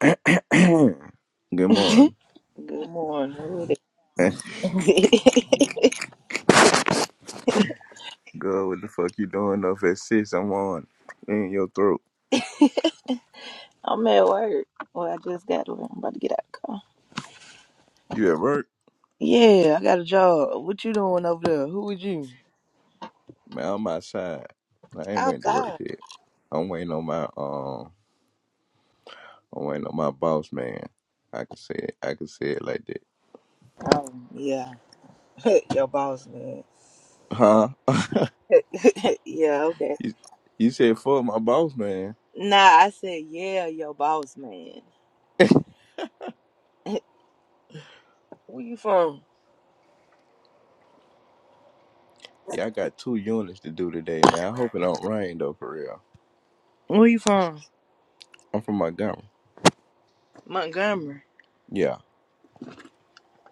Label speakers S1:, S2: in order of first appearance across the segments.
S1: Good
S2: Good
S1: morning.
S2: morning. Who it is?
S1: Girl, what the fuck you doing up at six? I'm on in your throat.
S2: I'm at work. Well, I just got to. I'm about to get out the car.
S1: You at work?
S2: Yeah, I got a job. What you doing over there? Who with you?
S1: Man, I'm outside. I ain't went to work
S2: Outside.
S1: yet. I'm waiting on my um. I'm waiting on my boss man. I can say it. I can say it like that.
S2: Oh, yeah. your boss man.
S1: Huh?
S2: yeah, okay.
S1: you, you said fuck my boss man.
S2: Nah, I said, yeah, your boss man. Where you from?
S1: Yeah, I got two units to do today, man. I hope it don't rain though, for real.
S2: Where you from?
S1: I'm from Montgomery.
S2: Montgomery.
S1: Yeah,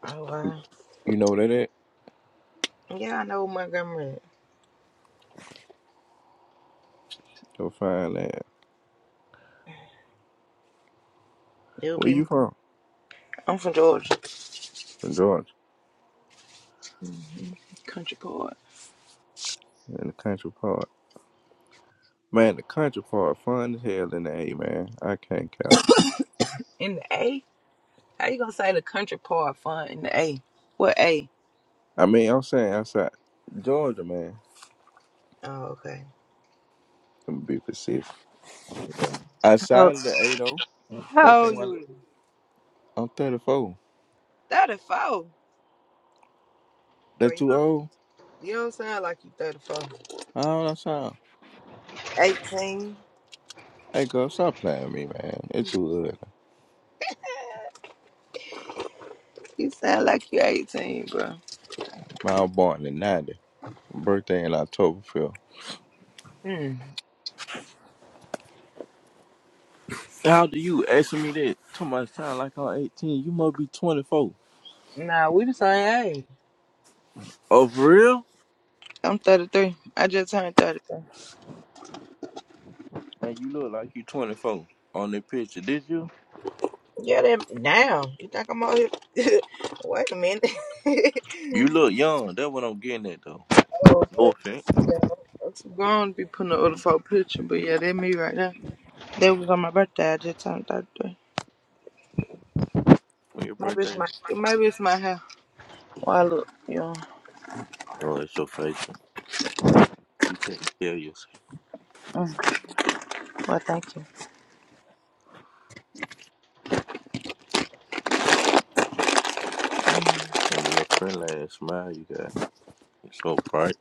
S2: Oh, wow.
S1: you know where that at?
S2: Yeah, I know Montgomery.
S1: Go find that.
S2: It'll
S1: Where
S2: be.
S1: you from?
S2: I'm from Georgia.
S1: From Georgia,
S2: hmm Country boy.
S1: in the country part. Man, the country part fun as hell in the A, man. I can't count.
S2: In the 80s. How you gonna say the country part fun in the A? What A?
S1: I mean, I'm saying outside Georgia, man.
S2: Oh, okay.
S1: Let me be specific.
S2: Yeah. How,
S1: Outside of the A, though, that's
S2: how
S1: the
S2: old
S1: one.
S2: you?
S1: I'm 34.
S2: 34. But
S1: That
S2: you
S1: too
S2: don't,
S1: old?
S2: you don't sound like you 34.
S1: How old I sound?
S2: 18.
S1: Hey, girl, stop playing with me, man. It's too early.
S2: You sound like you 18, bro.
S1: Man, I was born in 90. Birthday in October 5th.
S2: Hmm.
S1: How do you asking me that? Too much sound like I'm 18. You must be 24.
S2: Nah, we the same age.
S1: Oh, for real?
S2: I'm 33. I just turned 33.
S1: Man, you look like you 24 on the picture, did you?
S2: Yeah, them now. You think I'm out here? Wait a minute.
S1: You look young. That's what I'm getting at, though.
S2: oh,
S1: No
S2: okay.
S1: offense.
S2: Yeah. I'm too grown to be putting up other a photo picture, but yeah, that me right now. That was on my birthday. I just turned 33.
S1: When your
S2: Maybe it's
S1: birthday
S2: my
S1: is.
S2: maybe it's my hair. Well, I look, you know.
S1: Oh, it's your facial. You taking care of yourself.
S2: Mm, well, thank you.
S1: And the little friendly ass smile you got. It's so bright.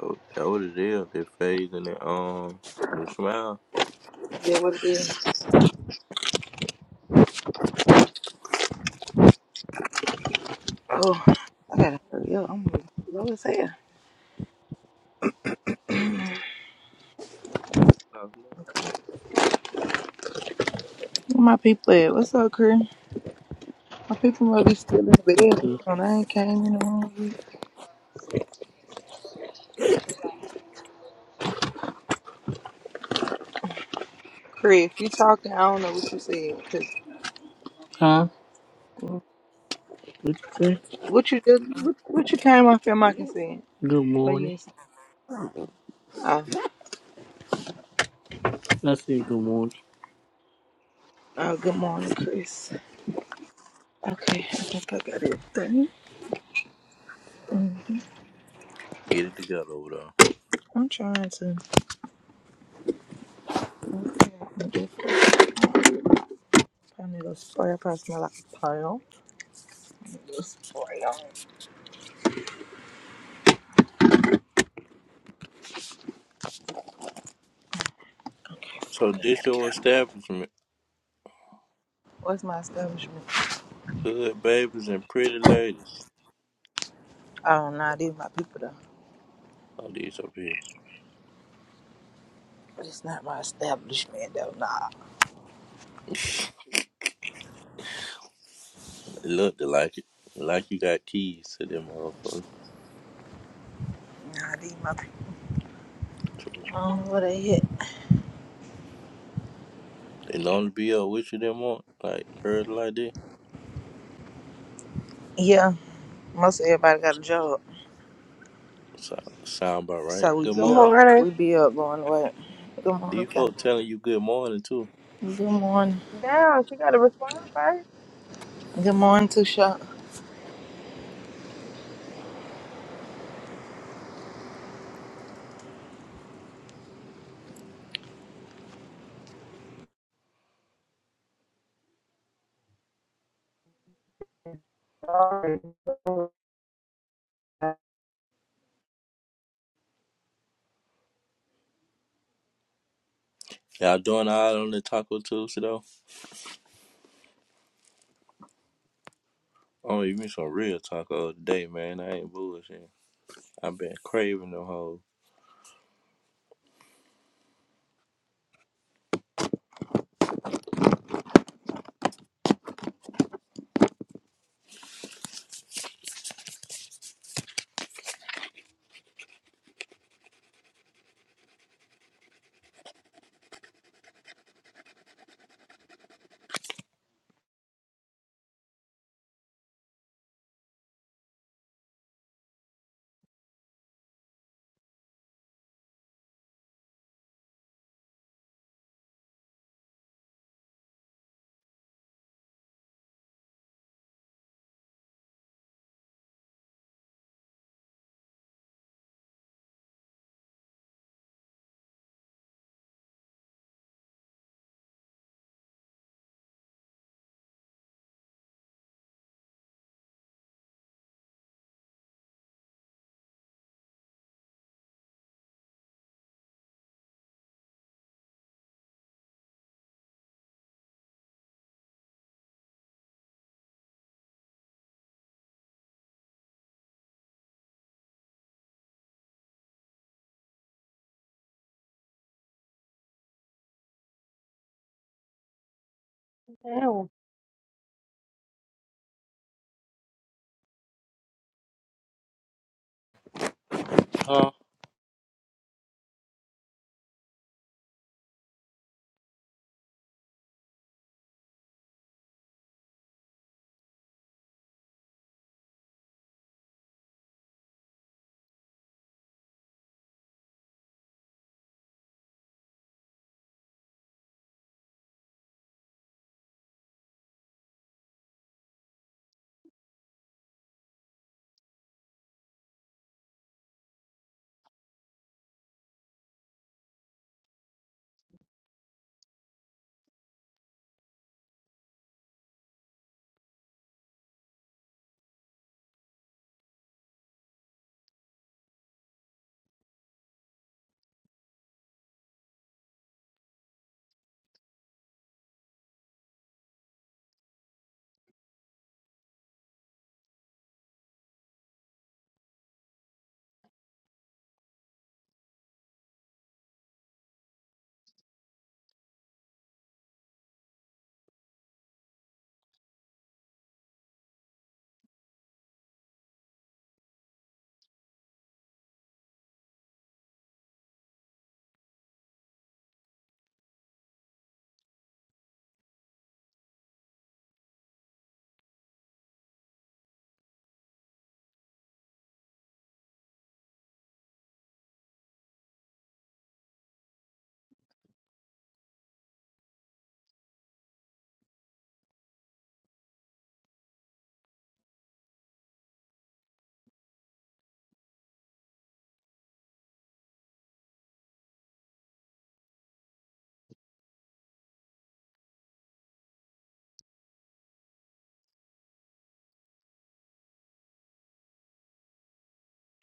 S1: So that what it is. That face and that um the smile.
S2: That would be. Oh, I gotta hurry up. I'm low as hell. Where my people at? What's up, Chris? My people must be still in the bed. or
S3: Uh,
S2: something. I ain't came in the room yet.
S4: Once, will be on the right to Bloomfield Road.
S2: Chris, if you talking, I don't know what you said. Cause
S3: huh? What you say?
S2: what you did, what, what you came off your mic and said.
S3: Good
S2: Oh, you
S3: morning.
S2: didn't say. Oh,
S3: I said good morning.
S2: oh, good morning, Chris. Okay, I think I got everything. Mm,
S1: Get it together over there.
S2: I'm trying to. I need a fire. I probably smell like a pound. What's going on? Okay,
S1: So
S2: I
S1: this
S2: gotta get
S1: your
S2: out.
S1: establishment.
S2: What's my establishment?
S1: Good babies and pretty ladies.
S2: Oh, nah, these my people though.
S1: All these up here.
S2: But it's not my establishment though. Nah,
S1: They look they like it. Like you got keys to them motherfuckers.
S2: nah, these my people.
S1: True.
S2: I don't know where they hit.
S1: They know to be up with you them on. Like early like that.
S2: Yeah, most everybody got a job,
S1: So, sound about right.
S2: so we
S1: Good
S5: Good
S2: be up.
S1: morning.
S5: morning.
S2: We be up going to work. Good morning,
S1: These
S2: Ken.
S1: Default telling you good morning too.
S2: Good morning.
S5: Damn, she got to respond first.
S2: Good morning, Tusha.
S5: Sorry.
S1: Y'all doing all on the Taco Tuesday though? Oh, you mean some real taco today, man. I ain't bullshit. I've been craving them hoes.
S5: Damn.
S1: Huh?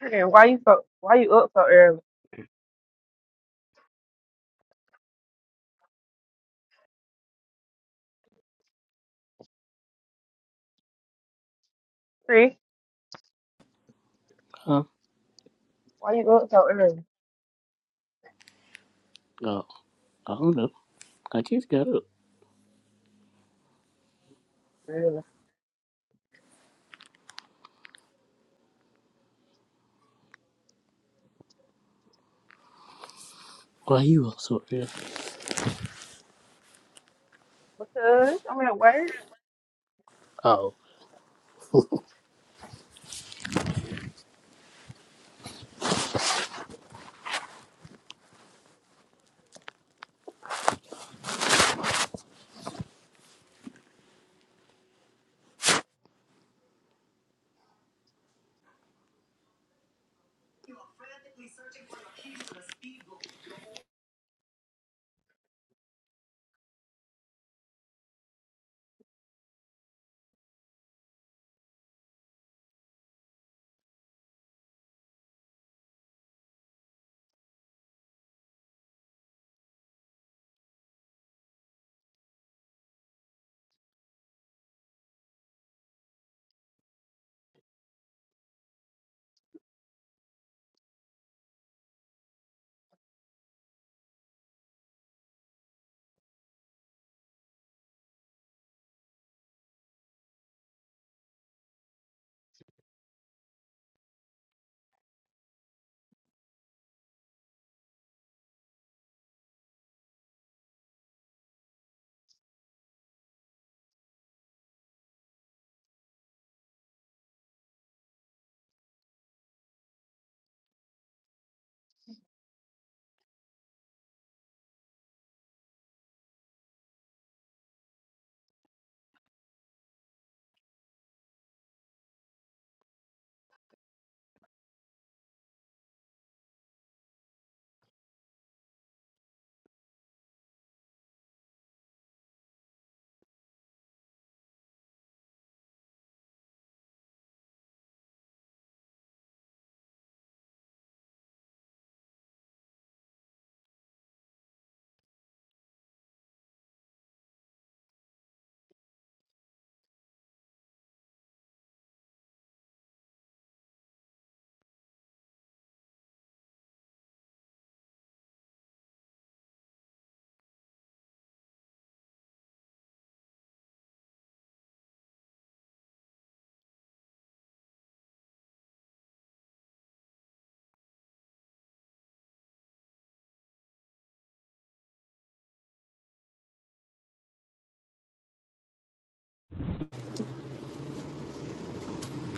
S5: Hey, Why you so? Why you up so early? Chris,
S3: Huh?
S5: why you up so early?
S3: No, I don't know. I just got up.
S5: Really?
S3: Why you all so early?
S5: Because I'm at work.
S3: Oh,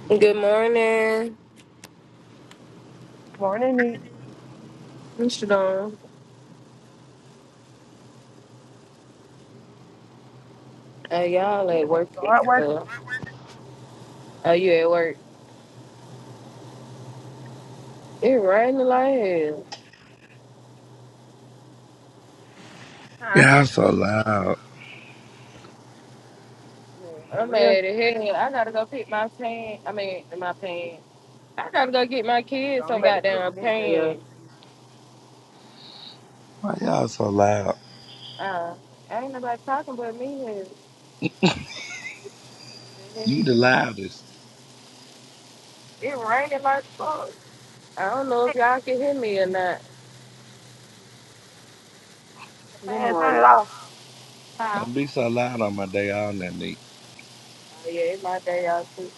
S6: Good morning.
S5: Morning, need
S6: What you doing? Uh, y'all
S5: kid
S6: at work
S5: finna
S6: and
S5: start working.
S6: stuff. Oh, you at work? It raining like hell.
S5: Huh?
S7: Y'all so loud.
S5: Man, for
S6: I'm
S5: real.
S6: mad at hell. I gotta go pick my pan. I mean, my pan. I gotta go get my kids
S5: Don't
S6: some
S5: let the sleep
S6: goddamn
S5: with that jail.
S6: pan.
S7: Why y'all so loud?
S6: Uh, ain't nobody talking but me. And and
S7: You the loudest.
S6: It raining like fuck. I don't know if y'all can hear me or not.
S8: Good
S5: Man,
S8: morning.
S5: turn it off.
S6: Huh?
S7: Don't be so loud on my day off, Nanique.
S6: Oh, yeah, it's my day off too.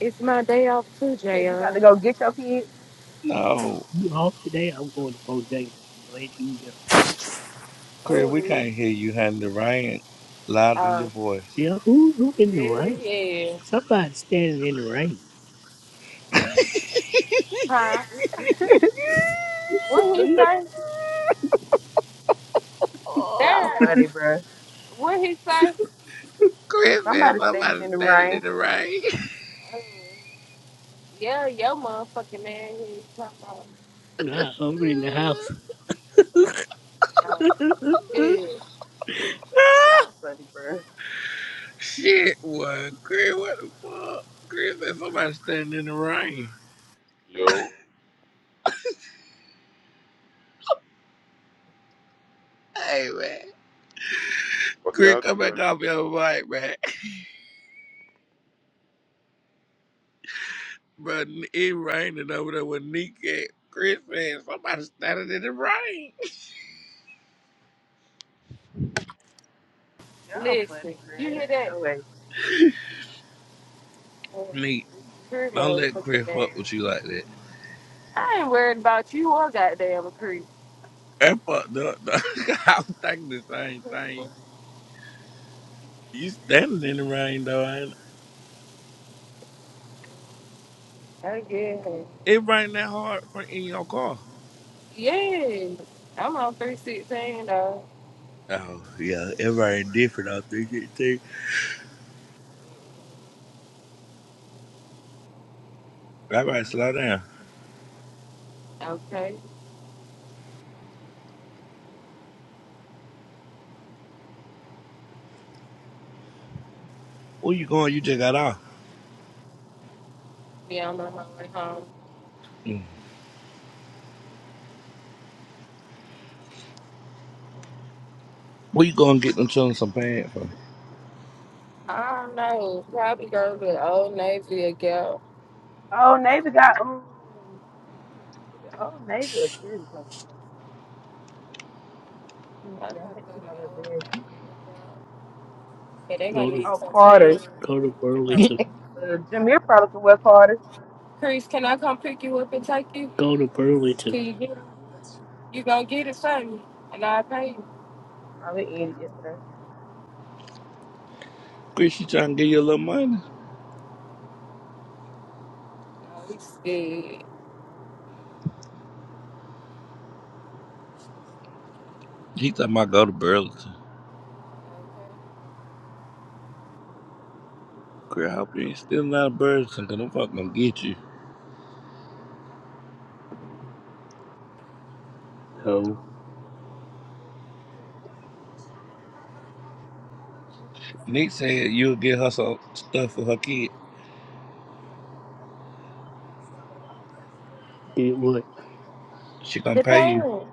S6: It's my day off too,
S5: You said you got to
S6: Jayon.
S5: go get your kids.
S7: No,
S3: you off today? I'm going to Bojangles. I'm glad you there.
S7: Chris, we
S6: Oh,
S7: can't hear you, honey. The rain louder than
S6: uh,
S7: your voice.
S3: Yeah, who who in the
S6: yeah,
S3: rain?
S6: yeah.
S3: Somebody standing in the rain.
S7: Chris
S6: Huh? What he
S5: Neat.
S6: say?
S5: Y'all
S6: There.
S5: funny, bruh.
S6: What he say?
S7: said
S5: Somebody standing
S7: somebody
S5: in the
S7: standing
S5: rain.
S7: in the rain.
S6: Uh, yeah, your motherfucking man. He talking about.
S3: Nah, I'm in the house.
S6: Oh,
S3: go
S6: good.
S5: Y'all funny, bruh.
S7: Shit, what? Chris, what the fuck? Chris said somebody standing in the rain.
S9: Yo,
S7: Hey, man.
S9: fuck
S7: Chris,
S9: y'all
S7: come back
S9: today.
S7: off your mic, man. But it raining over there with Nick at Chris and somebody started in the rain.
S5: Y'all funny,
S6: Listen, you
S5: bruh.
S6: hear that?
S5: No way.
S6: Uh,
S7: Nick,
S6: Creep
S7: don't let
S6: motherfucking
S7: Chris
S6: man.
S7: fuck with you like that.
S6: I ain't worried about you or goddamn creep.
S7: That fucked up. though. I was thinking the same thing. You standing in the rain though, ain't it?
S6: I get it.
S7: It rained that hard for in your car.
S6: Yeah. I'm on 316 though.
S7: Oh yeah, it rained different. I think it too. All right, slow down.
S6: Okay.
S7: Where you going? You just got off.
S6: Be on my way home.
S7: Mm. Where you going? to Get them children some pants for?
S6: I don't know. Probably go to the Old Navy again.
S5: Oh, neighbor got. Ooh. Oh, neighborhood too. Like,
S6: I'm to go to
S5: yeah, I think it's
S6: the
S5: over there.
S6: Old Navy again. Yeah, they gonna
S3: to
S6: need
S5: Oh,
S6: some
S5: Carter.
S6: change.
S3: go to
S5: That probably-
S3: Burlington.
S5: Uh, Jameer probably could wear Carter.
S6: Chris, can I come pick you up and take you?
S3: Go to Burlington.
S6: Can you get it? You gonna get it for me? And I'll pay you.
S5: Probably was yesterday.
S7: Chris, you trying to give you a little money?
S6: No, he's good.
S7: He talking about go to Burlington. crap. You ain't stealing out of birds and gonna fuck gonna get you.
S3: No,
S7: Nick said you'll get her some stuff for her kid.
S3: did what?
S7: She gonna
S6: The
S7: pay you.
S6: pants.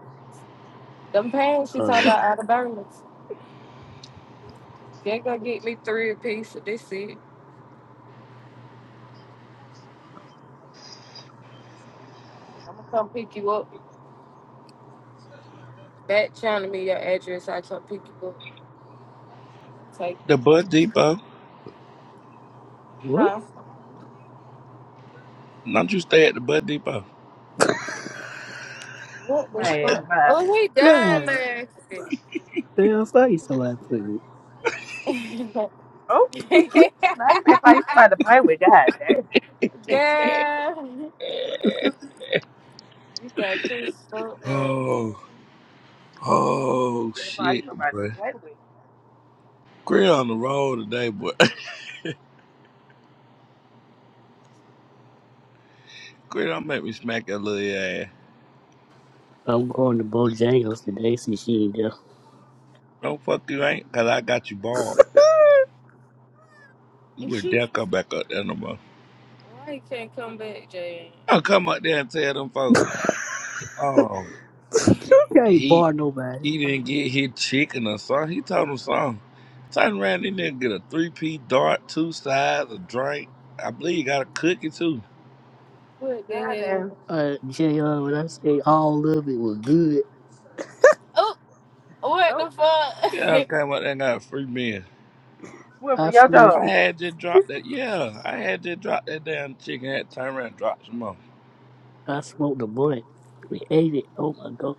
S6: Them pants she talking
S3: Uh,
S6: about out of Burlington. They gonna get me three a piece of this it. I'm gonna come pick you up. Back channel me your address. I come pick you up. Take,
S7: The Bud Depot.
S3: what?
S6: huh?
S7: Don't you stay at the Bud Depot.
S6: What the
S5: Man,
S6: fuck?
S5: bye.
S6: Oh, he dying,
S3: What?
S6: man.
S3: Damn, I saw you somebody put me.
S5: Oh, now you said like you about to play with. God damn.
S6: Girl, you got Chris fucked up.
S7: Oh,
S5: You
S7: oh
S5: said "Fine,
S7: shit,
S5: you about to
S7: boy.
S5: play with.
S7: Grit on the road today, boy. Grit don't make me smack your little ass.
S3: I'm going to Bojangles today. See, she ain't there.
S7: Don't fuck you ain't, cause I got you bald. You
S6: Why
S7: would dare come back up there no more.
S6: he can't come back, Jay?
S7: I'll come up there and tell them folks. Oh
S3: you can't
S7: He
S3: bar nobody.
S7: he didn't get his chicken or something. He told him something. Turned around he didn't get a three P dart, two sides, a drink. I believe he got a cookie too.
S6: What the
S5: God damn.
S6: hell?
S3: Uh, JR, when I say all of it was good,
S6: Oh, what
S5: Oh,
S6: the
S7: Yeah, I
S6: fuck?
S7: came out there and got a free meal.
S5: went from
S3: I
S5: your
S3: smoked.
S5: dog.
S7: I
S3: it.
S7: had just dropped that. Yeah, I had just dropped that damn chicken. Had to turn around and drop some more.
S3: I smoked the blunt. We ate it. Oh my god,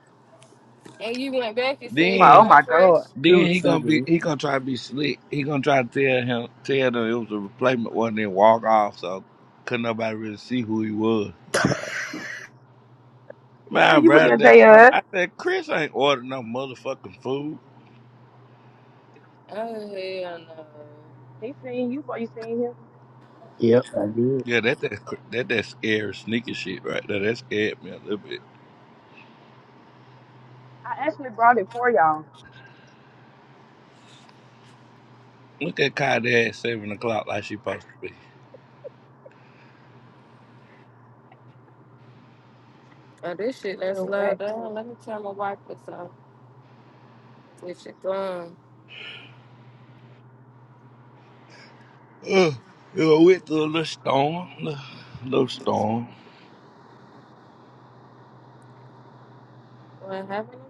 S6: and you went back and
S5: He's
S6: said you
S5: my, oh
S7: Then,
S5: my
S6: weren't fresh?
S5: God.
S3: it
S7: then
S3: was
S7: he
S3: so
S7: gonna be
S3: delicious.
S7: he gonna try to be slick. He gonna try to tell him tell them it was a replacement, wasn't it? Walk off so couldn't nobody really see who he was.
S5: He
S7: Man, I
S5: knew you were there,
S7: ran that car.
S5: JR.
S7: I said, Chris ain't ordered no motherfucking food.
S6: Oh, hell no.
S5: He seen you before you seen him.
S3: Yep, I did.
S7: Yeah, that that that that scary sneaky shit right there. That scared me a little bit.
S5: I actually brought it for y'all.
S7: Look at Kylie at seven o'clock like she supposed to be.
S6: Oh, this shit that
S5: Hell,
S6: slowed
S5: wax
S6: down.
S5: it.
S6: Let me turn my wipers off. This shit gone.
S7: Uh, you know, went through a little storm, little, little storm.
S6: What happened?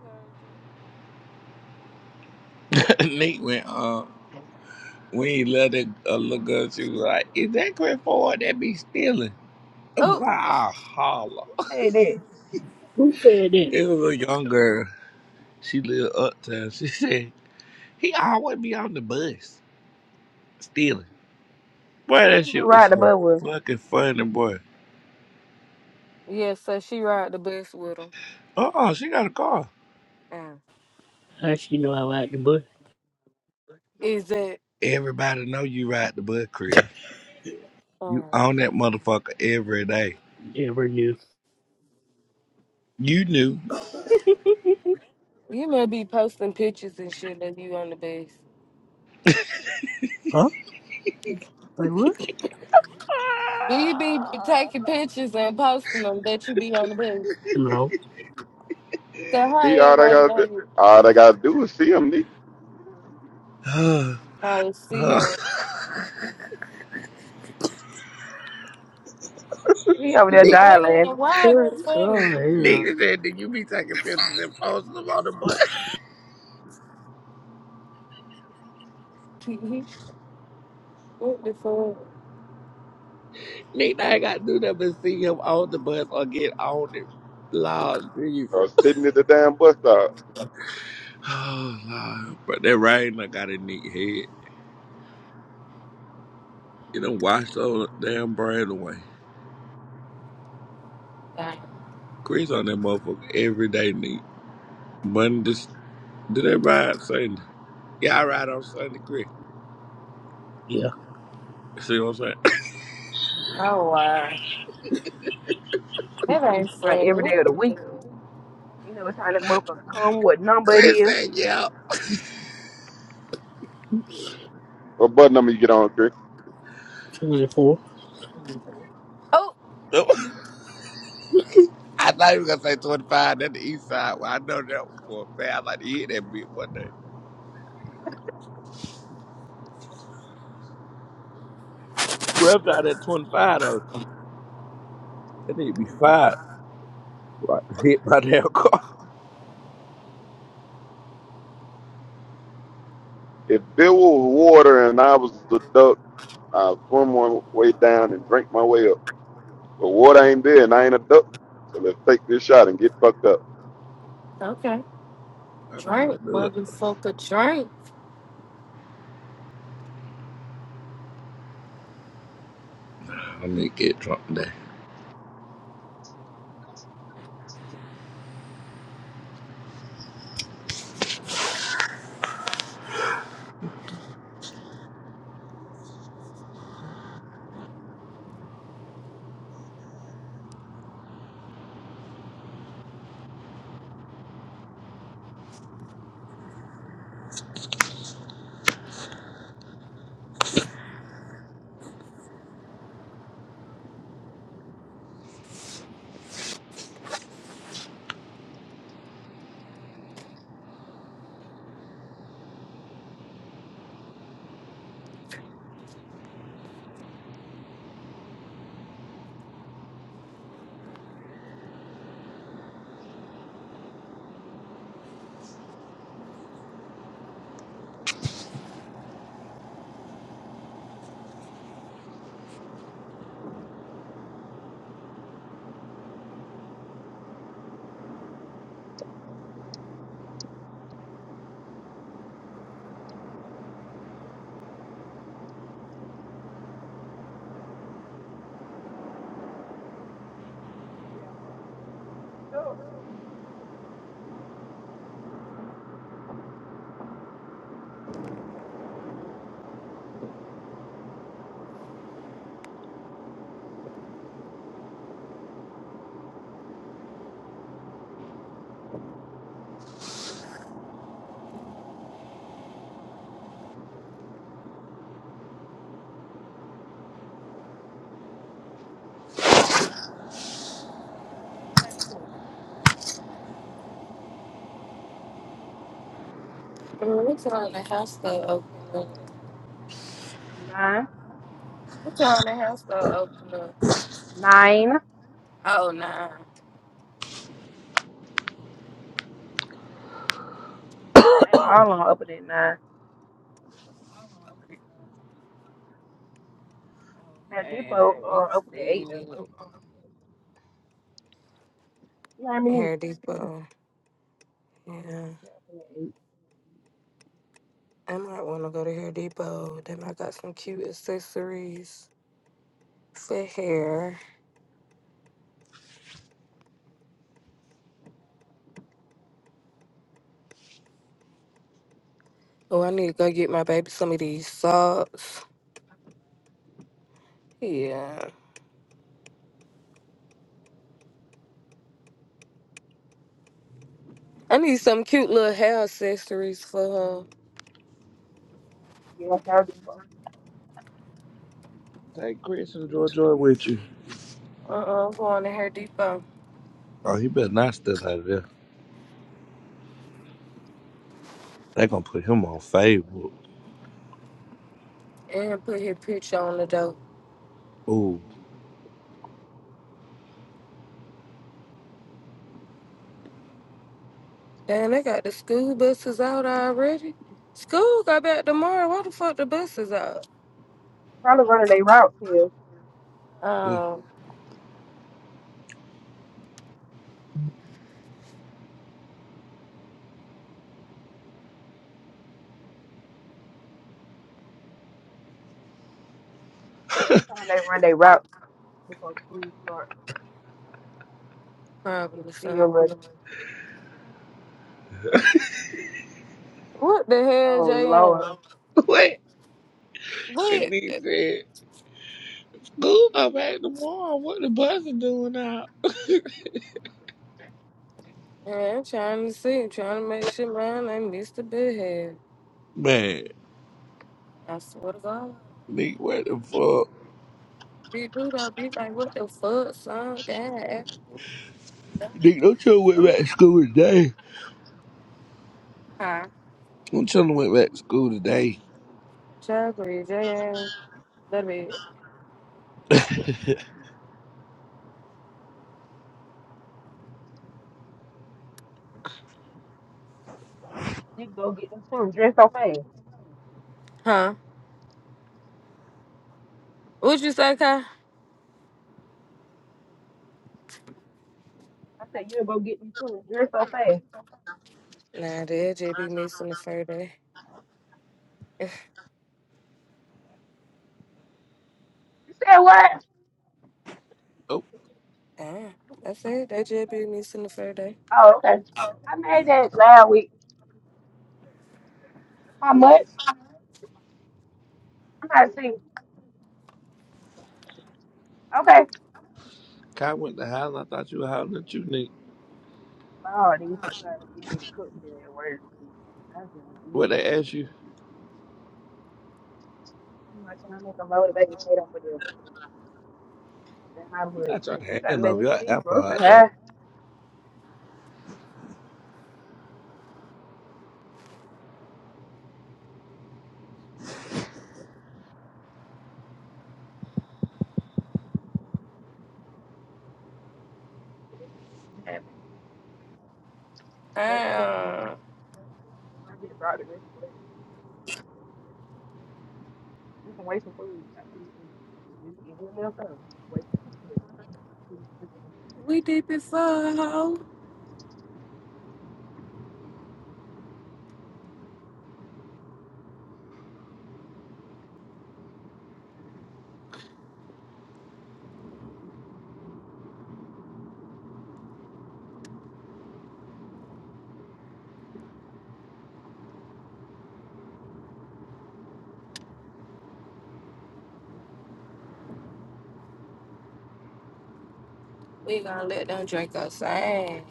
S7: Nate went, uh, when he left that uh, little girl, she was like, "Is that Chris Ford that be stealing?"
S6: Oh,
S7: Wow, holla!
S5: Hey, there.
S3: Who said that?
S7: It was a young girl. She lived uptown. She said, "He always be on the bus stealing." Boy,
S5: He
S7: that
S5: was
S7: shit was
S5: riding the
S7: so
S5: bus with.
S7: fucking funny, boy.
S6: yeah, so she ride the bus with him.
S7: Uh-uh, she got a car.
S6: Uh,
S3: How she know I like the blunt?
S6: is that,
S7: Everybody know you ride the bus, Chris.
S6: uh,
S7: You own that motherfucker every day.
S3: Never knew.
S7: You knew.
S6: you may be posting pictures and shit that you on the bus.
S3: Huh? Like what?
S6: Do you be taking pictures and posting them that you be on the bus?
S3: No.
S6: So how
S9: Me, all they
S6: everybody
S9: gotta
S6: know
S9: do,
S6: you?
S9: all they gotta do is see him, me,
S6: Oh, see
S7: Uh, uh.
S6: him.
S5: He over there
S7: Nick,
S5: dying
S6: Man,
S5: laughing
S6: why
S3: What?
S6: they funny?
S3: Oh
S7: Nick
S3: hell.
S7: said that you be taking pictures and posting them on the bus.
S6: what the fuck?
S7: Nick, I ain't got to do nothing but see him on the bus or get on it. Lord Jesus.
S9: or sitting at the damn bus stop.
S7: Oh, Lord. But that rain done got in Nick's head. It done washed all the damn brain away.
S6: Dang.
S7: Chris on that motherfucker every day, Nick. Monday. do they ride Sunday? Yeah, I ride on Sunday, Chris.
S3: Yeah.
S7: See what I'm saying?
S6: Oh wow, that ain't
S5: like
S6: funny.
S5: every day of
S6: What
S5: the
S6: the
S5: week.
S6: hell?
S5: You know it's how that motherfucker come, what number it
S7: Chris
S5: is.
S7: said, yeah.
S9: What bus number you get on, Chris?
S3: Twenty four.
S6: Oh,
S7: I thought you were going to say 25. That's the east side. Well, I know that one for a fact. I like to hit that bit one day. Whoever's out at 25, though, That need to be fired. Right, hit by damn car.
S9: If there was water and I was a duck, I'd swim my way down and drink my way up. But water ain't there and I ain't a duck, so let's take this shot and get fucked up.
S6: Okay,
S7: Okay, can't
S6: drink,
S7: let do it.
S6: motherfucker, drink.
S7: Nah, I'm going to get drunk today.
S6: Man, We telling the house to open up.
S5: Nine.
S6: We telling the house to open up.
S5: Nine.
S6: Oh nah.
S5: All on up at that nine. Now
S6: Okay,
S5: Depot
S6: let me
S5: uh up at that eight though.
S6: see.
S5: You know how many
S6: Hair
S5: up
S6: Depot. Yeah,
S5: at that eight?
S6: I might want to go to Hair Depot. They might got some cute accessories for hair. Oh, I need to go get my baby some of these socks. Yeah. I need some cute little hair accessories for
S5: Yeah, that's how Depot.
S7: Take Chris and Joy Joy with you.
S6: her. Uh-uh, I'm going to Hair Depot
S7: Oh, he better not step out of there. They going to put him on Facebook.
S6: and put her picture on the door.
S7: Ooh.
S6: Damn, they got the school buses out already. School got back tomorrow. Why the fuck the buses out?
S5: Probably running their route too.
S7: Yeah.
S6: Um,
S5: Sometimes they run their route before school start. Get a
S6: probably
S5: feel of
S6: something. What the hell,
S5: oh Lord.
S6: JM?
S7: What? Because
S6: What?
S7: he Good Dude, I'm back tomorrow. What the bus is doing out?
S6: Yeah, I'm trying to see. I'm trying to make sure mine ain't missed a big head.
S7: Man,
S6: I swear to God.
S7: Nick, what the fuck?
S6: Big dude, I be like, what the fuck, son? Dad.
S7: Nick, don't you went back to school today?
S6: Huh?
S7: Don't you went back to school today?
S6: Chubby, JM. That'd be it.
S5: You go get them twins dressed so fast.
S6: Huh? What'd you say, Kai?
S5: I said you go get them twins dressed so fast.
S6: Nah, they just be missing the fur day.
S5: You said what?
S7: Oh,
S6: Damn, that's it. They just be missing the fur day.
S5: Oh, okay. I made that last week. How much? I'm not seeing. Okay.
S7: Kai went to house. I thought you were hollering at you, Nick.
S5: Oh, these folks trying to get me to cook for them at work. And I do not
S7: What
S5: really.
S7: they asked you?
S5: I'm like, can I make a loaded baked potato for them? And my
S7: You
S5: butt,
S7: got your
S5: like, you gotta
S7: hand
S5: let
S7: over
S5: me
S7: your
S5: see
S7: iPod?
S5: grocery
S7: hot
S5: high. Man, man, that shit was on.
S6: Damn,
S5: I get brought to this place. We can waste some food. I think it's it's just it's just enough time. Waste some food.
S6: we deep in fur, ho. We gonna let them drink us same.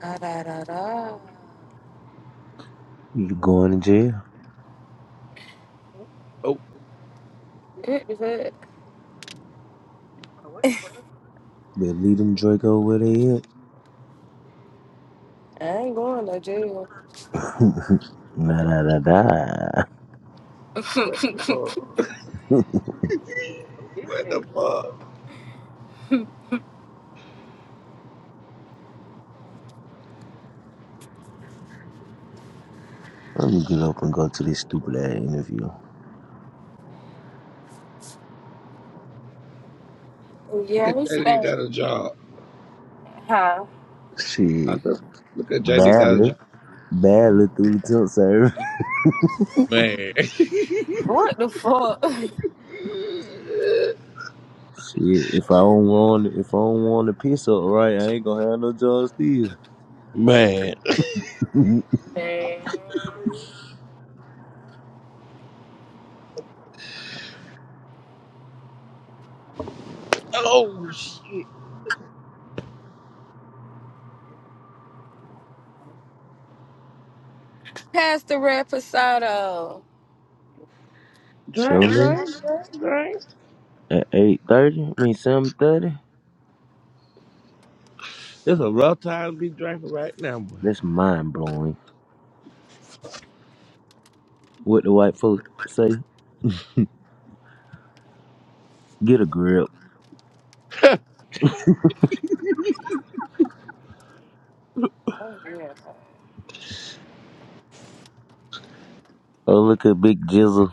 S6: Da da da da.
S10: You going to jail?
S7: Oh,
S6: It is it.
S5: What the fuck?
S10: They leave them Draco where they at.
S6: I ain't going to jail.
S10: nah, nah, nah, nah.
S7: what the fuck?
S5: What is
S7: what the
S5: that?
S7: fuck?
S10: Let me get up and go to this stupid ass interview.
S6: yeah,
S7: Look
S6: we
S7: at JD
S6: stay.
S7: got a job.
S6: Huh?
S7: I
S10: Shit.
S7: said, look at JD got a
S10: Badly.
S7: job.
S10: Badly through the tilt server.
S7: Man.
S6: What the fuck?
S10: Shit. If I don't want if I don't want to piss up right, I ain't gonna have no job still.
S7: Man.
S6: Man.
S7: Oh, shit.
S6: Pass the reposado.
S10: Show
S6: Drink,
S7: Drink,
S6: drink.
S10: me.
S6: drink.
S7: drink, drink, drink.
S10: At eight thirty, I mean seven thirty.
S7: It's a rough time to be drinking right now, boy.
S10: That's mind blowing. What the white folks say? Get a grip.
S6: Oh yeah.
S10: Oh look at Big Jizzle.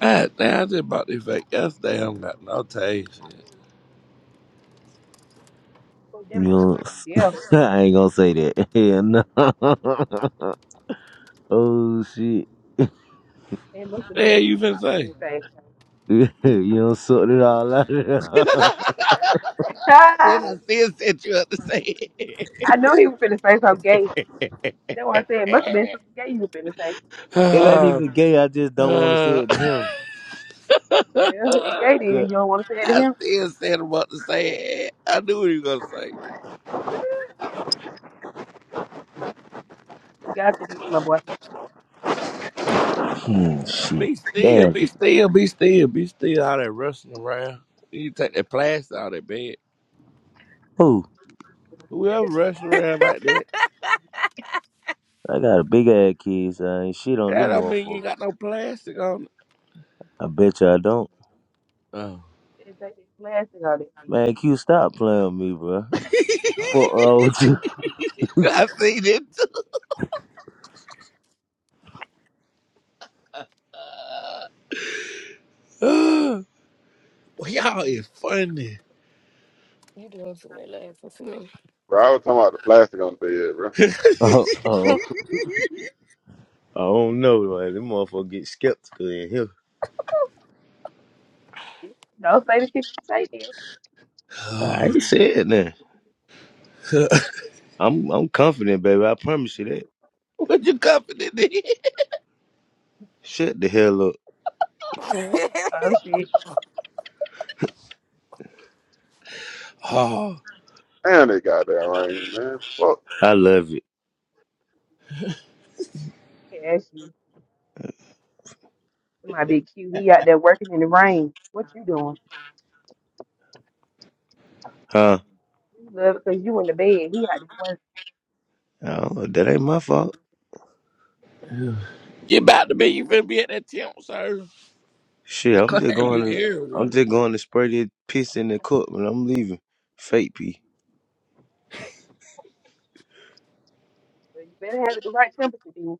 S7: God damn, I just bought this fake yesterday. I don't got no taste.
S5: Fuck
S10: You
S5: that
S10: know,
S5: motherfucker. Yeah.
S10: I ain't gonna say that. Hell no. oh shit.
S5: It must have been
S7: Yeah,
S5: some
S7: you
S5: gay
S7: finna
S5: you was finna
S7: say?
S5: say.
S10: you don't sort it all out. of
S7: then
S10: there.
S7: I
S5: I
S7: still set you up to say it.
S5: knew he was finna say something gay. That's what I said. It must have been something gay you was finna say.
S10: it ain't
S7: uh,
S10: even gay. I just don't want to
S7: uh,
S10: say it to him.
S5: Well, if Jay did, you
S10: Cut.
S5: don't want to say it to
S7: I
S5: him?
S7: still set him up to say it. I knew what you was gonna say.
S5: Got you then, my boy.
S10: Hmm, shit.
S7: Be still, be
S10: Damn.
S7: still, be still, be still. All that rushing around. You take that plastic out of that bed.
S10: Oh,
S7: Whoever rushing around like that,
S10: I got a big ass kid. So I ain't shit on this
S7: that don't mean you
S10: motherfucker.
S7: ain't got no plastic
S10: I bet you I don't.
S7: Oh.
S5: They take his glass and all that shit.
S10: Man, Q, stop playing with me, bro.
S7: I
S10: Fuck wrong with you?
S7: seen it too. well, y'all
S6: Uh-uh.
S7: is funny.
S6: You doing too many laughing for me.
S9: Bro, I was talking about the plastic on the bed, bro.
S10: Oh, oh. I don't know, man. This motherfucker get skeptical in here.
S5: Don't say the shit you say there.
S10: I
S7: Oh.
S10: ain't saying that. I'm, I'm confident, baby. I promise you that.
S7: what you coughing in
S10: Shut the hell up.
S5: Oh, shit.
S7: Oh.
S9: Damn, they got that rain, man. Fuck,
S10: I love it,
S5: Cash you. It might be cute. He out there working in the rain. What you doing?
S10: huh?
S5: You love it because you in the bed. He out there working.
S10: Oh, that ain't my fault.
S7: You about
S5: Well,
S7: to be,
S5: no problem.
S7: you finna be at
S5: So
S7: that temp, sir.
S10: Shit,
S7: They
S10: I'm
S7: gonna
S10: just
S7: have
S10: going
S7: you
S10: to, I'm
S7: everywhere.
S10: just going to spray this piss in the cup when I'm leaving. Fake pee.
S5: you better have it the right temperature, then.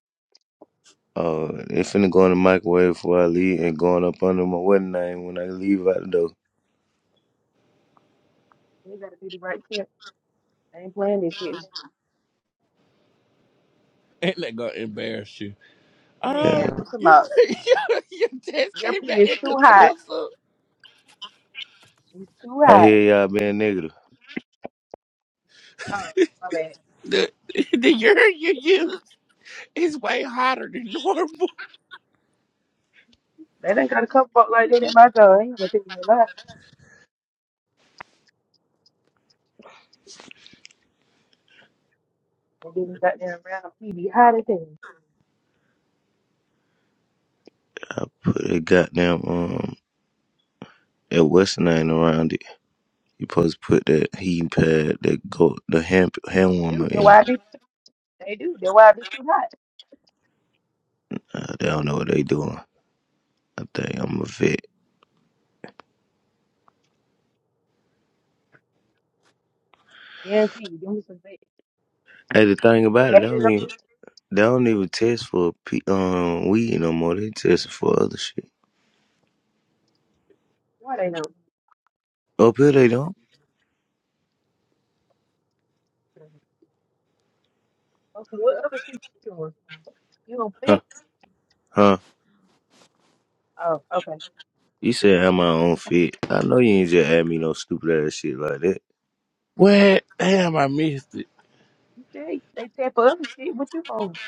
S10: Uh, it finna go in the microwave before I leave, and going up under my wedding name when I leave out the door.
S5: You got to be the right temp. I ain't playing this shit.
S7: Ain't that gonna embarrass you?
S5: Man,
S7: Um,
S10: Yeah,
S5: I'm talking
S7: your,
S5: about
S7: your, your test
S5: your
S7: came
S5: pee
S7: back
S5: is too hot.
S7: inconclusive.
S5: It's too
S10: I
S5: hot.
S10: hear y'all being negative.
S5: Oh, my bad.
S7: The, the urine you used is way hotter than normal.
S5: They done got a couple folk like that at my door. I ain't gonna tell you no lie. and getting goddamn around P be hot as hell.
S10: I put a goddamn um, a western name around it. You supposed to put that heating pad, that go, the hand hand
S5: do.
S10: warmer
S5: that
S10: in.
S5: why I be they do, that why I be too hot.
S10: Uh, they don't know what they doing. I think I'm a vet.
S5: Guarantee you, them some they
S10: Hey, the thing
S5: they
S10: about it, I
S5: hate
S10: don't
S5: it up
S10: even.
S5: in
S10: They don't even test for pe- um weed no more. They test for other shit.
S5: what they know.
S10: Up here they don't.
S5: Okay, what other shit you doing? You a
S10: Huh?
S5: bitch?
S10: Huh?
S5: Oh, okay.
S10: You said have my own fit. I know you ain't just add me no stupid ass shit like that.
S7: What? Damn, I missed it.
S5: You say they tap for other shit, what you on?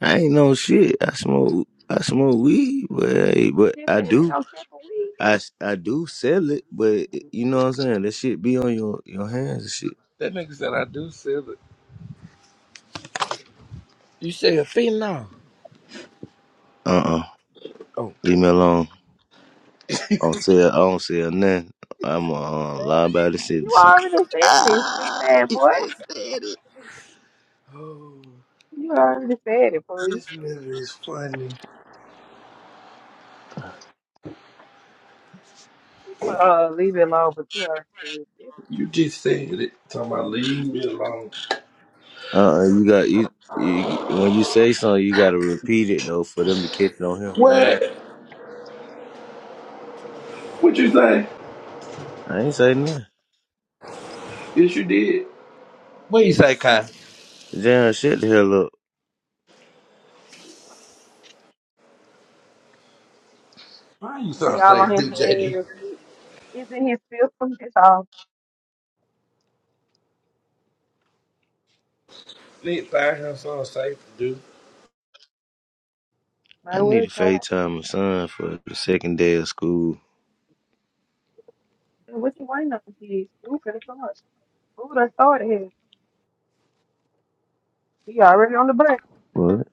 S10: I ain't no shit. I smoke. I smoke weed, but hey, but
S5: They
S10: I
S5: said they
S10: do.
S5: don't tap for weed.
S10: I s- I do sell it, but you know what I'm saying. That shit be on your your hands and shit.
S7: That nigga said I do sell it. You said phenol.
S10: Uh uh
S7: Oh.
S10: Leave me alone. I don't sell. I don't sell nothing. I'm a uh, lie about the
S5: You
S10: shit.
S5: already said it, stupid
S7: Ah,
S5: ass
S7: you
S5: boy.
S7: just said it. Oh,
S5: You already said it, fool.
S7: this nigga is funny.
S5: It's my, uh, leave it alone, but you already said it. It's,
S7: You just said it. Talking about leave me alone.
S10: Uh, uh you got you, you. When you say something, you gotta repeat it though for them to catch it on him. You know what i mean?
S7: What? What you say?
S10: I ain't saying nothing.
S7: Yes, you did. What you say, Kai?
S10: Damn, shut the hell up.
S7: Why you
S5: it be
S7: so
S5: all on
S7: safe, to
S5: his
S7: do,
S5: hands
S7: JD?
S5: and shit. It's in his system, that's all.
S7: Nick find him so safe to do.
S5: Might as
S10: I need
S5: well
S10: to
S5: try.
S10: FaceTime my son for the second day of school.
S5: And What you waiting on, kids? Who could have started? Who done started here? He already on the bus.
S10: What?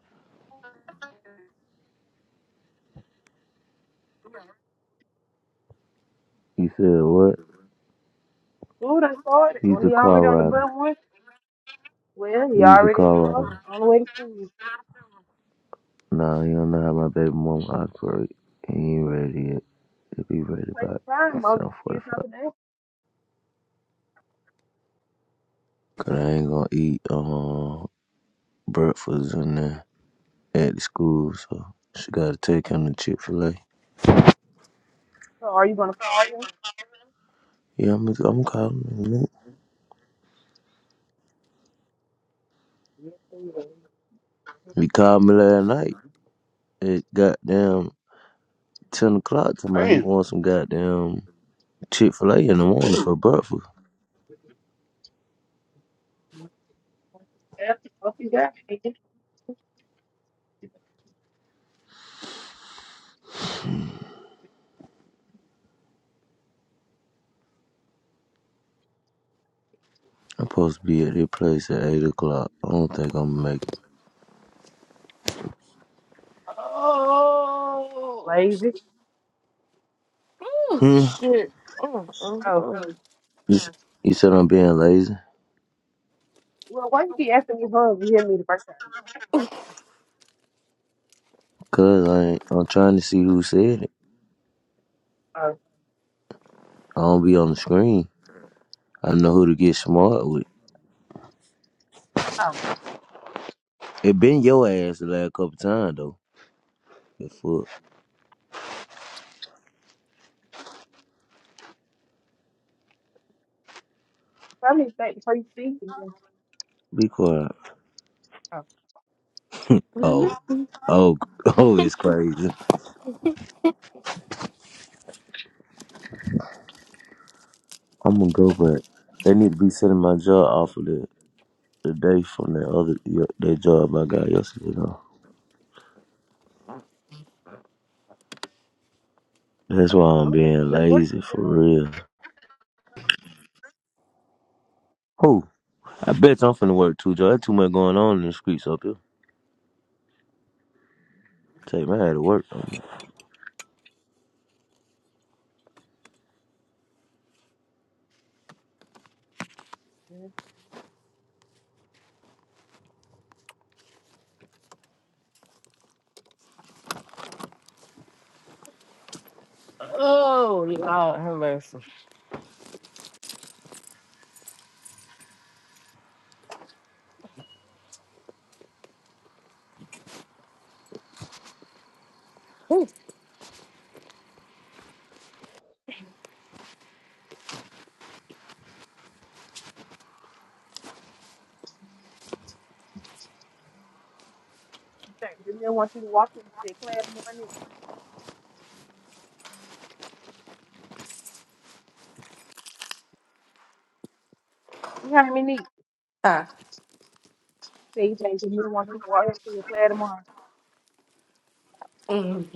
S10: He said what?
S5: Who done started?
S10: He's
S5: Or
S10: a
S5: he
S10: car
S5: already on the bus
S10: rider.
S5: one? Well, he
S10: He's a
S5: already in the
S10: car
S5: car
S10: rider.
S5: on the way to school.
S10: Nah, you don't know how my baby mom operate. He ain't
S5: Well,
S10: ready yet. He'll be ready
S5: you Wait
S10: by
S5: time, mother.
S10: 7.45.
S5: Kids not today.
S10: Cause I ain't gonna eat um breakfast in there. at the school, so she got to take him to Chick Fil A.
S5: So are you gonna call him?
S10: Yeah, I'm I'm calling him. in a minute.
S5: Yes, I will.
S10: He called me last night at goddamn ten o'clock. Talking about he
S9: damn.
S10: wants some goddamn Chick Fil A in the morning for breakfast.
S5: After what you got, nigga.
S10: I'm supposed to be at his place at eight o'clock. I don't think I'm gonna make it.
S6: Oh,
S5: lazy.
S6: sh- Oh,
S10: Hmm.
S6: shit. Oh, oh,
S5: Oh,
S6: oh.
S10: You, s- you said I'm being lazy?
S5: well, why you keep asking me home? You hear me the first time?
S10: Cause I ain't, I'm trying to see who said it.
S5: Oh,
S10: I don't be on the screen. I know who to get smart with.
S5: oh.
S10: It been your ass the last couple times though. The fuck.
S5: Probably think before you speak. and then-
S10: Be quiet.
S5: Oh,
S6: Mhm.
S10: Oh, oh, oh, it's crazy. I'm gonna go back. They need to be sending my job off of the, the day from that other y- that job I got yesterday. Though. That's why I'm
S5: okay. You've
S10: being
S5: been
S10: lazy
S5: working,
S10: for
S5: girl.
S10: real. Who? I bet you I'm finna work too, Joe. There's too much going on in the streets up here. Take my head to work. I'm
S5: Yes,
S6: oh, Lord, have mercy.
S5: you think. Didn't want you to walk in and say, class morning? You heard me, neat.
S6: Ah.
S5: They changed me want to walk up to your flag tomorrow.
S6: Mhm.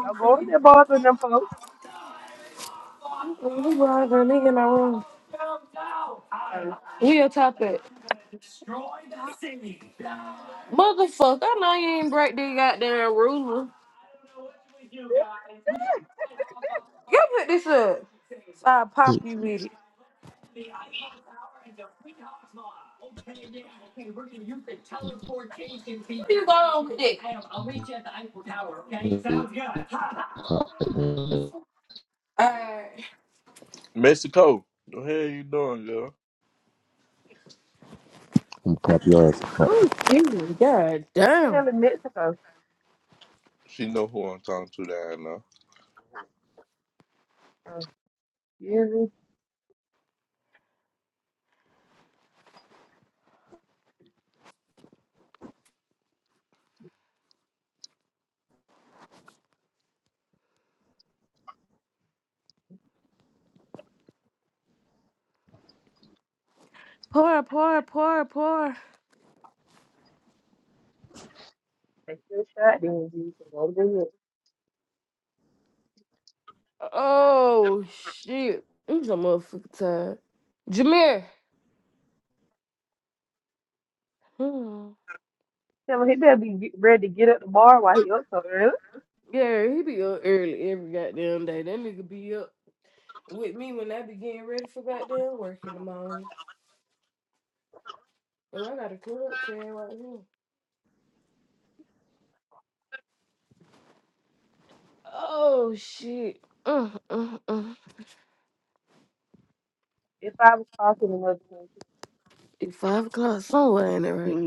S5: Y'all go over there, boys, with them folks.
S6: Oh, God, that nigga in my room.
S5: Uh, what
S6: We a top it. Motherfucker, I know you ain't break this goddamn ruler. You pick this up. So I pop you with it.
S10: gonna
S6: Alright.
S1: Mexico. The hell you doing, girl?
S10: pop your ass apart.
S6: Oh, Jesus, God
S5: the
S6: damn.
S5: hell in Mexico?
S1: She know who I'm talking to down now.
S5: Uh, usually
S6: Pour, pour, pour, pour.
S5: they still shot, then you can go to the
S6: Oh, shit. I'm so motherfucking tired. Jameer. Hmm.
S5: Tell him he better be get- ready to get at the bar while he up so early.
S6: Yeah, he be up early every goddamn day. That nigga be up with me when I be getting ready for goddamn work in the morning. Oh, I got a club tag right here. Oh shit. Mm, mm, mm.
S5: It's five o'clock in another country.
S6: It's five o'clock somewhere ain't it, right?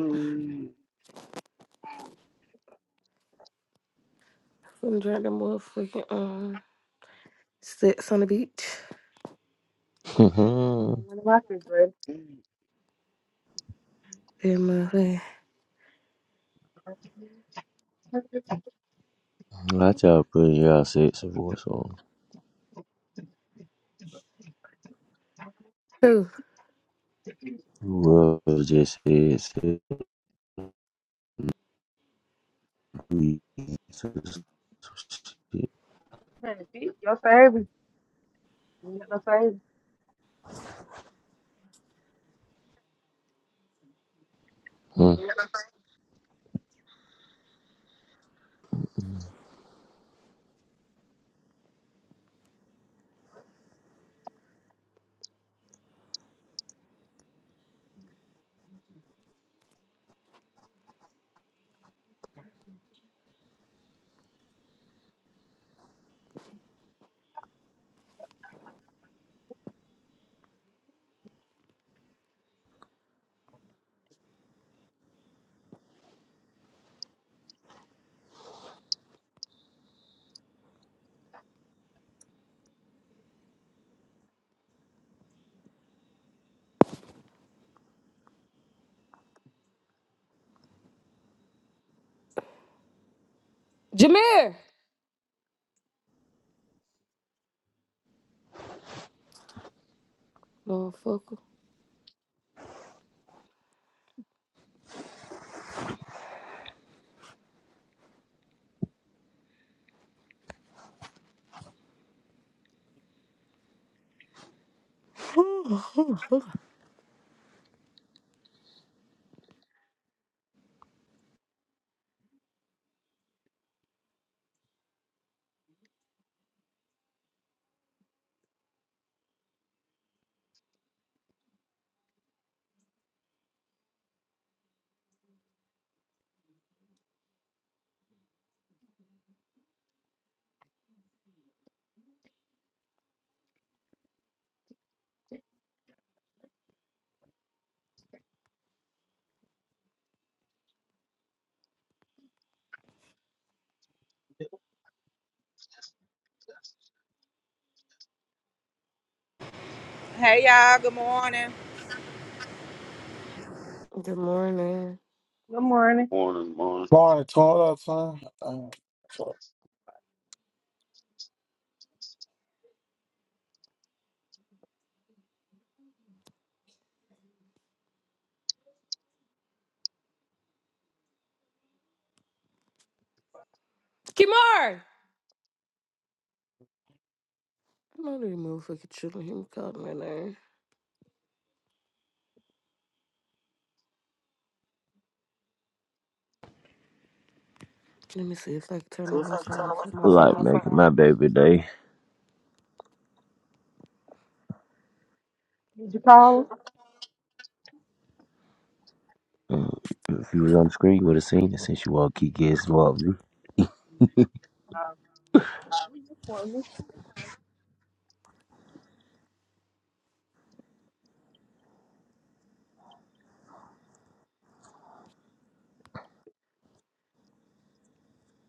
S6: I'm drink that motherfucking um sex on the beach.
S5: I got one of my refrigerators.
S9: Good
S5: Trying
S10: I try to put y'all sexy voice on.
S6: Who?
S10: You will just said sexy.
S5: to fix your service. You got no service.
S6: Jameer! Motherfucker.
S2: Hey y'all. Good morning.
S6: Good morning.
S5: Good morning.
S9: morning, morning.
S11: Morning, Toilet time. Uh, sure.
S6: Kimar! I know these motherfucking children hear me calling my name. Let me see if I can turn the watch off on my
S10: Like
S6: phone.
S10: making my baby day.
S5: Did you call him?
S10: Mm, If you was on the screen, you would have seen it since you all key kids involved.
S5: Uh, do you for me?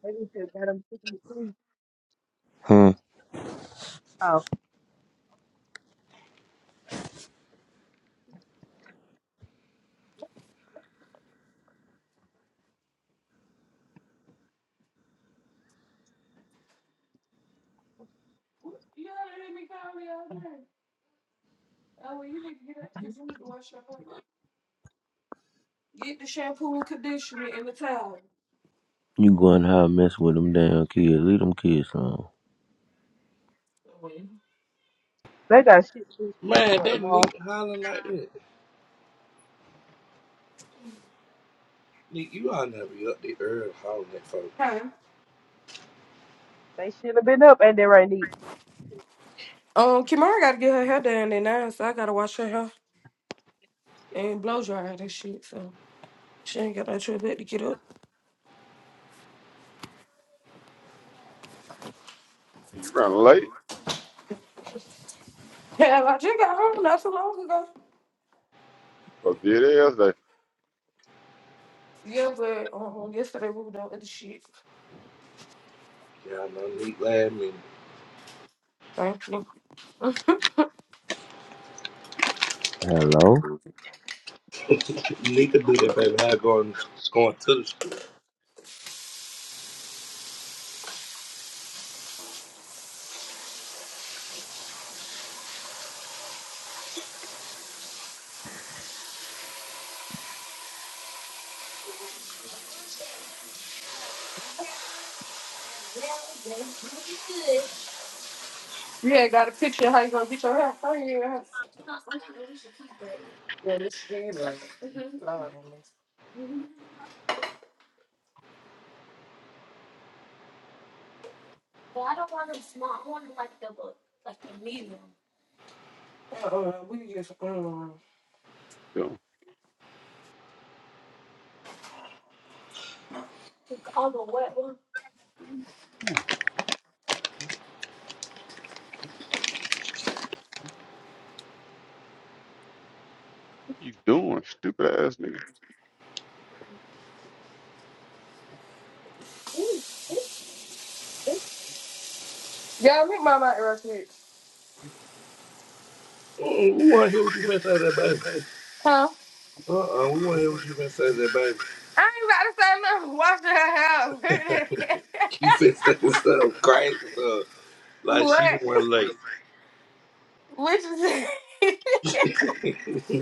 S5: Maybe you could get him to the
S10: Hmm.
S5: Oh,
S6: Push me in the towel.
S10: You going how mess with them damn kids? Leave them kids alone.
S5: they got shit to do school
S7: Man,
S5: for
S7: that
S5: tomorrow.
S7: Nick hollering like that. Nick, you all never be up the earth hollering at folks.
S5: They should have been up at that right Neek.
S6: Um, Kimara gotta get her hair done at nine, so I gotta wash her hair and blow dry her and shit. So she ain't got that trip back to get up.
S9: You running late?
S6: Yeah, I just got home not so long ago.
S9: Or did it yesterday?
S6: Yeah, but um, yesterday we were doing other shit.
S7: Y'all know Nick last minute.
S6: Thank you.
S10: Hello.
S7: Nick could do that, baby. How going, going to the school.
S6: You had got a picture of how you gonna get your hair. Oh, yeah.
S9: What you doing, stupid ass nigga?
S6: Y'all meet my mic real quick.
S7: Mm, Who want to hear what you finna say to that, baby?
S6: Huh?
S7: Uh-uh, we want to hear what you been saying to that baby.
S6: I ain't about to say nothing. Wash your hair.
S7: you been saying something crazy, though. Like she the
S6: what?
S7: one late.
S6: Which is it?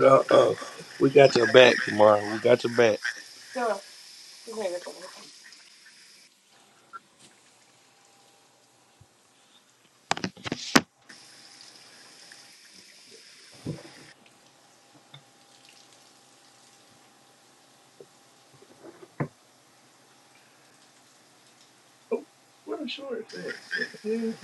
S7: uh-uh. We got your back, Kamara. We got your back.
S6: Sure.
S7: Oh, What a shorts at? What the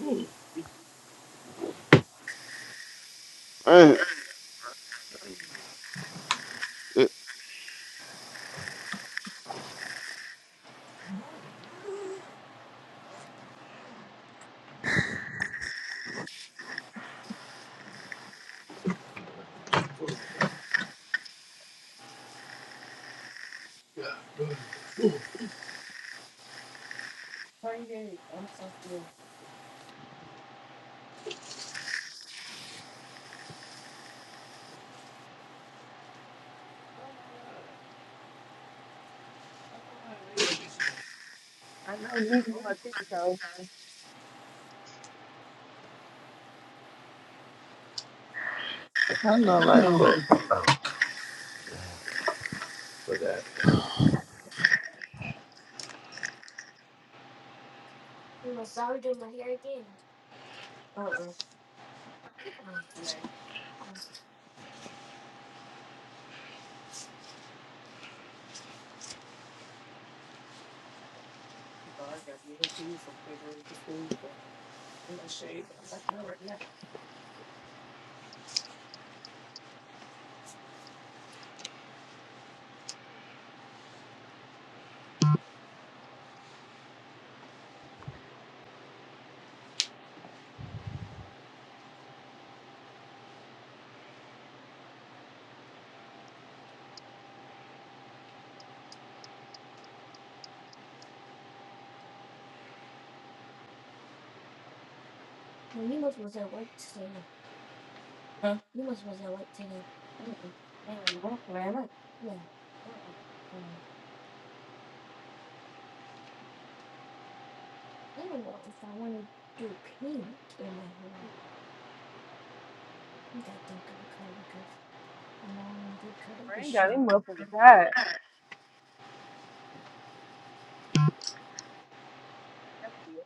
S7: hell? Hmm,
S9: Man, it,
S7: hmm.
S5: I know Neek on her tippy toe.
S7: I know like fuck. Oh, forgot.
S5: I ain't got any motherfucker tired. That's weird.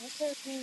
S5: Okay, P.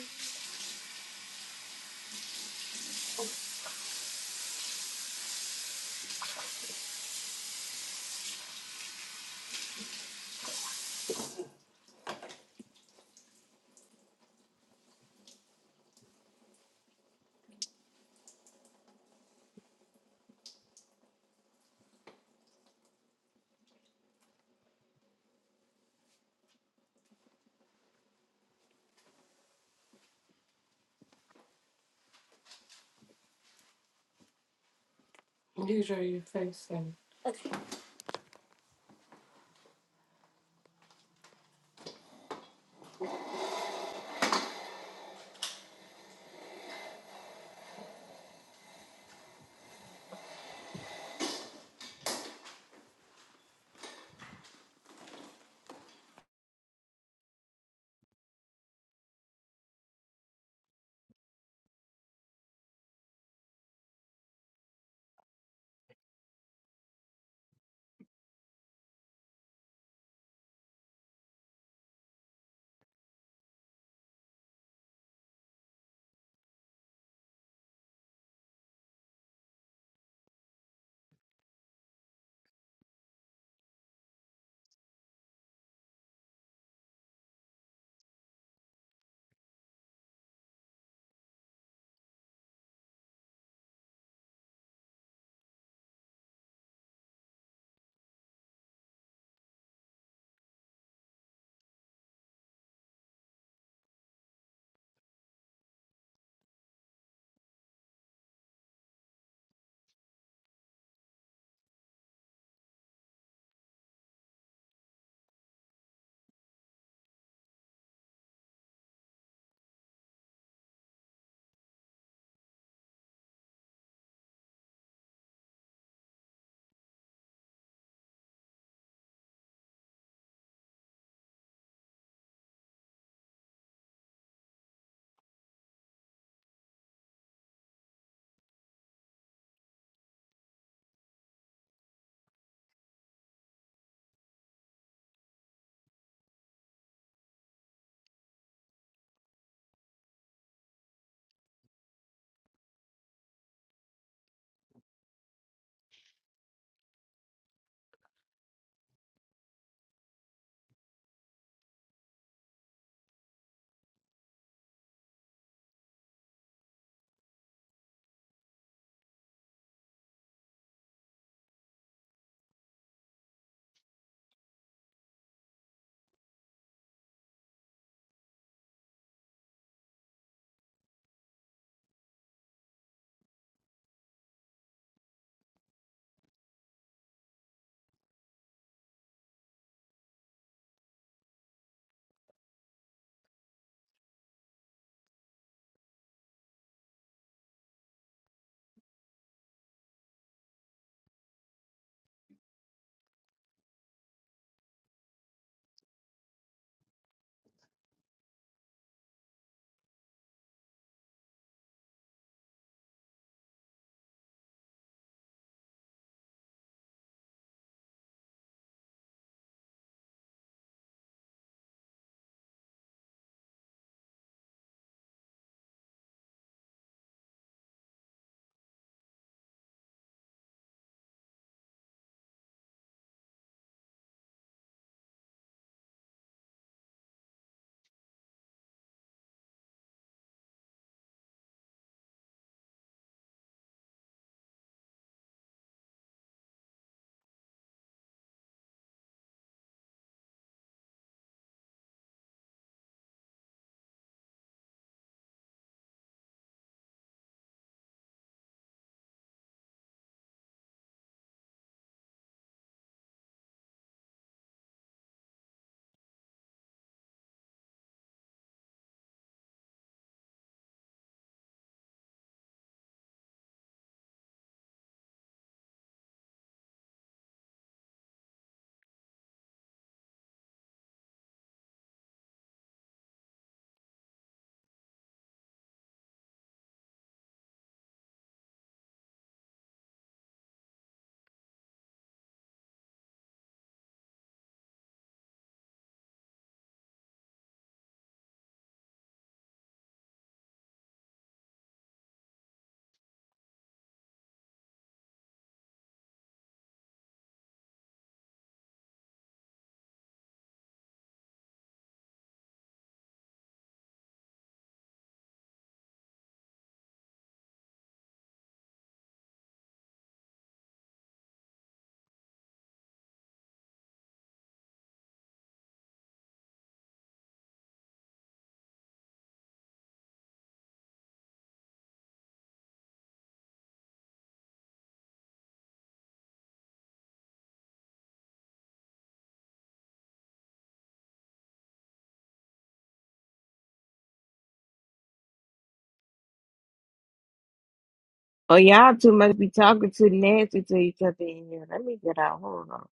S12: Oh, y'all two must be talking too nasty to each other in here. Let me get out. Hold on.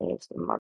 S12: nasty mother.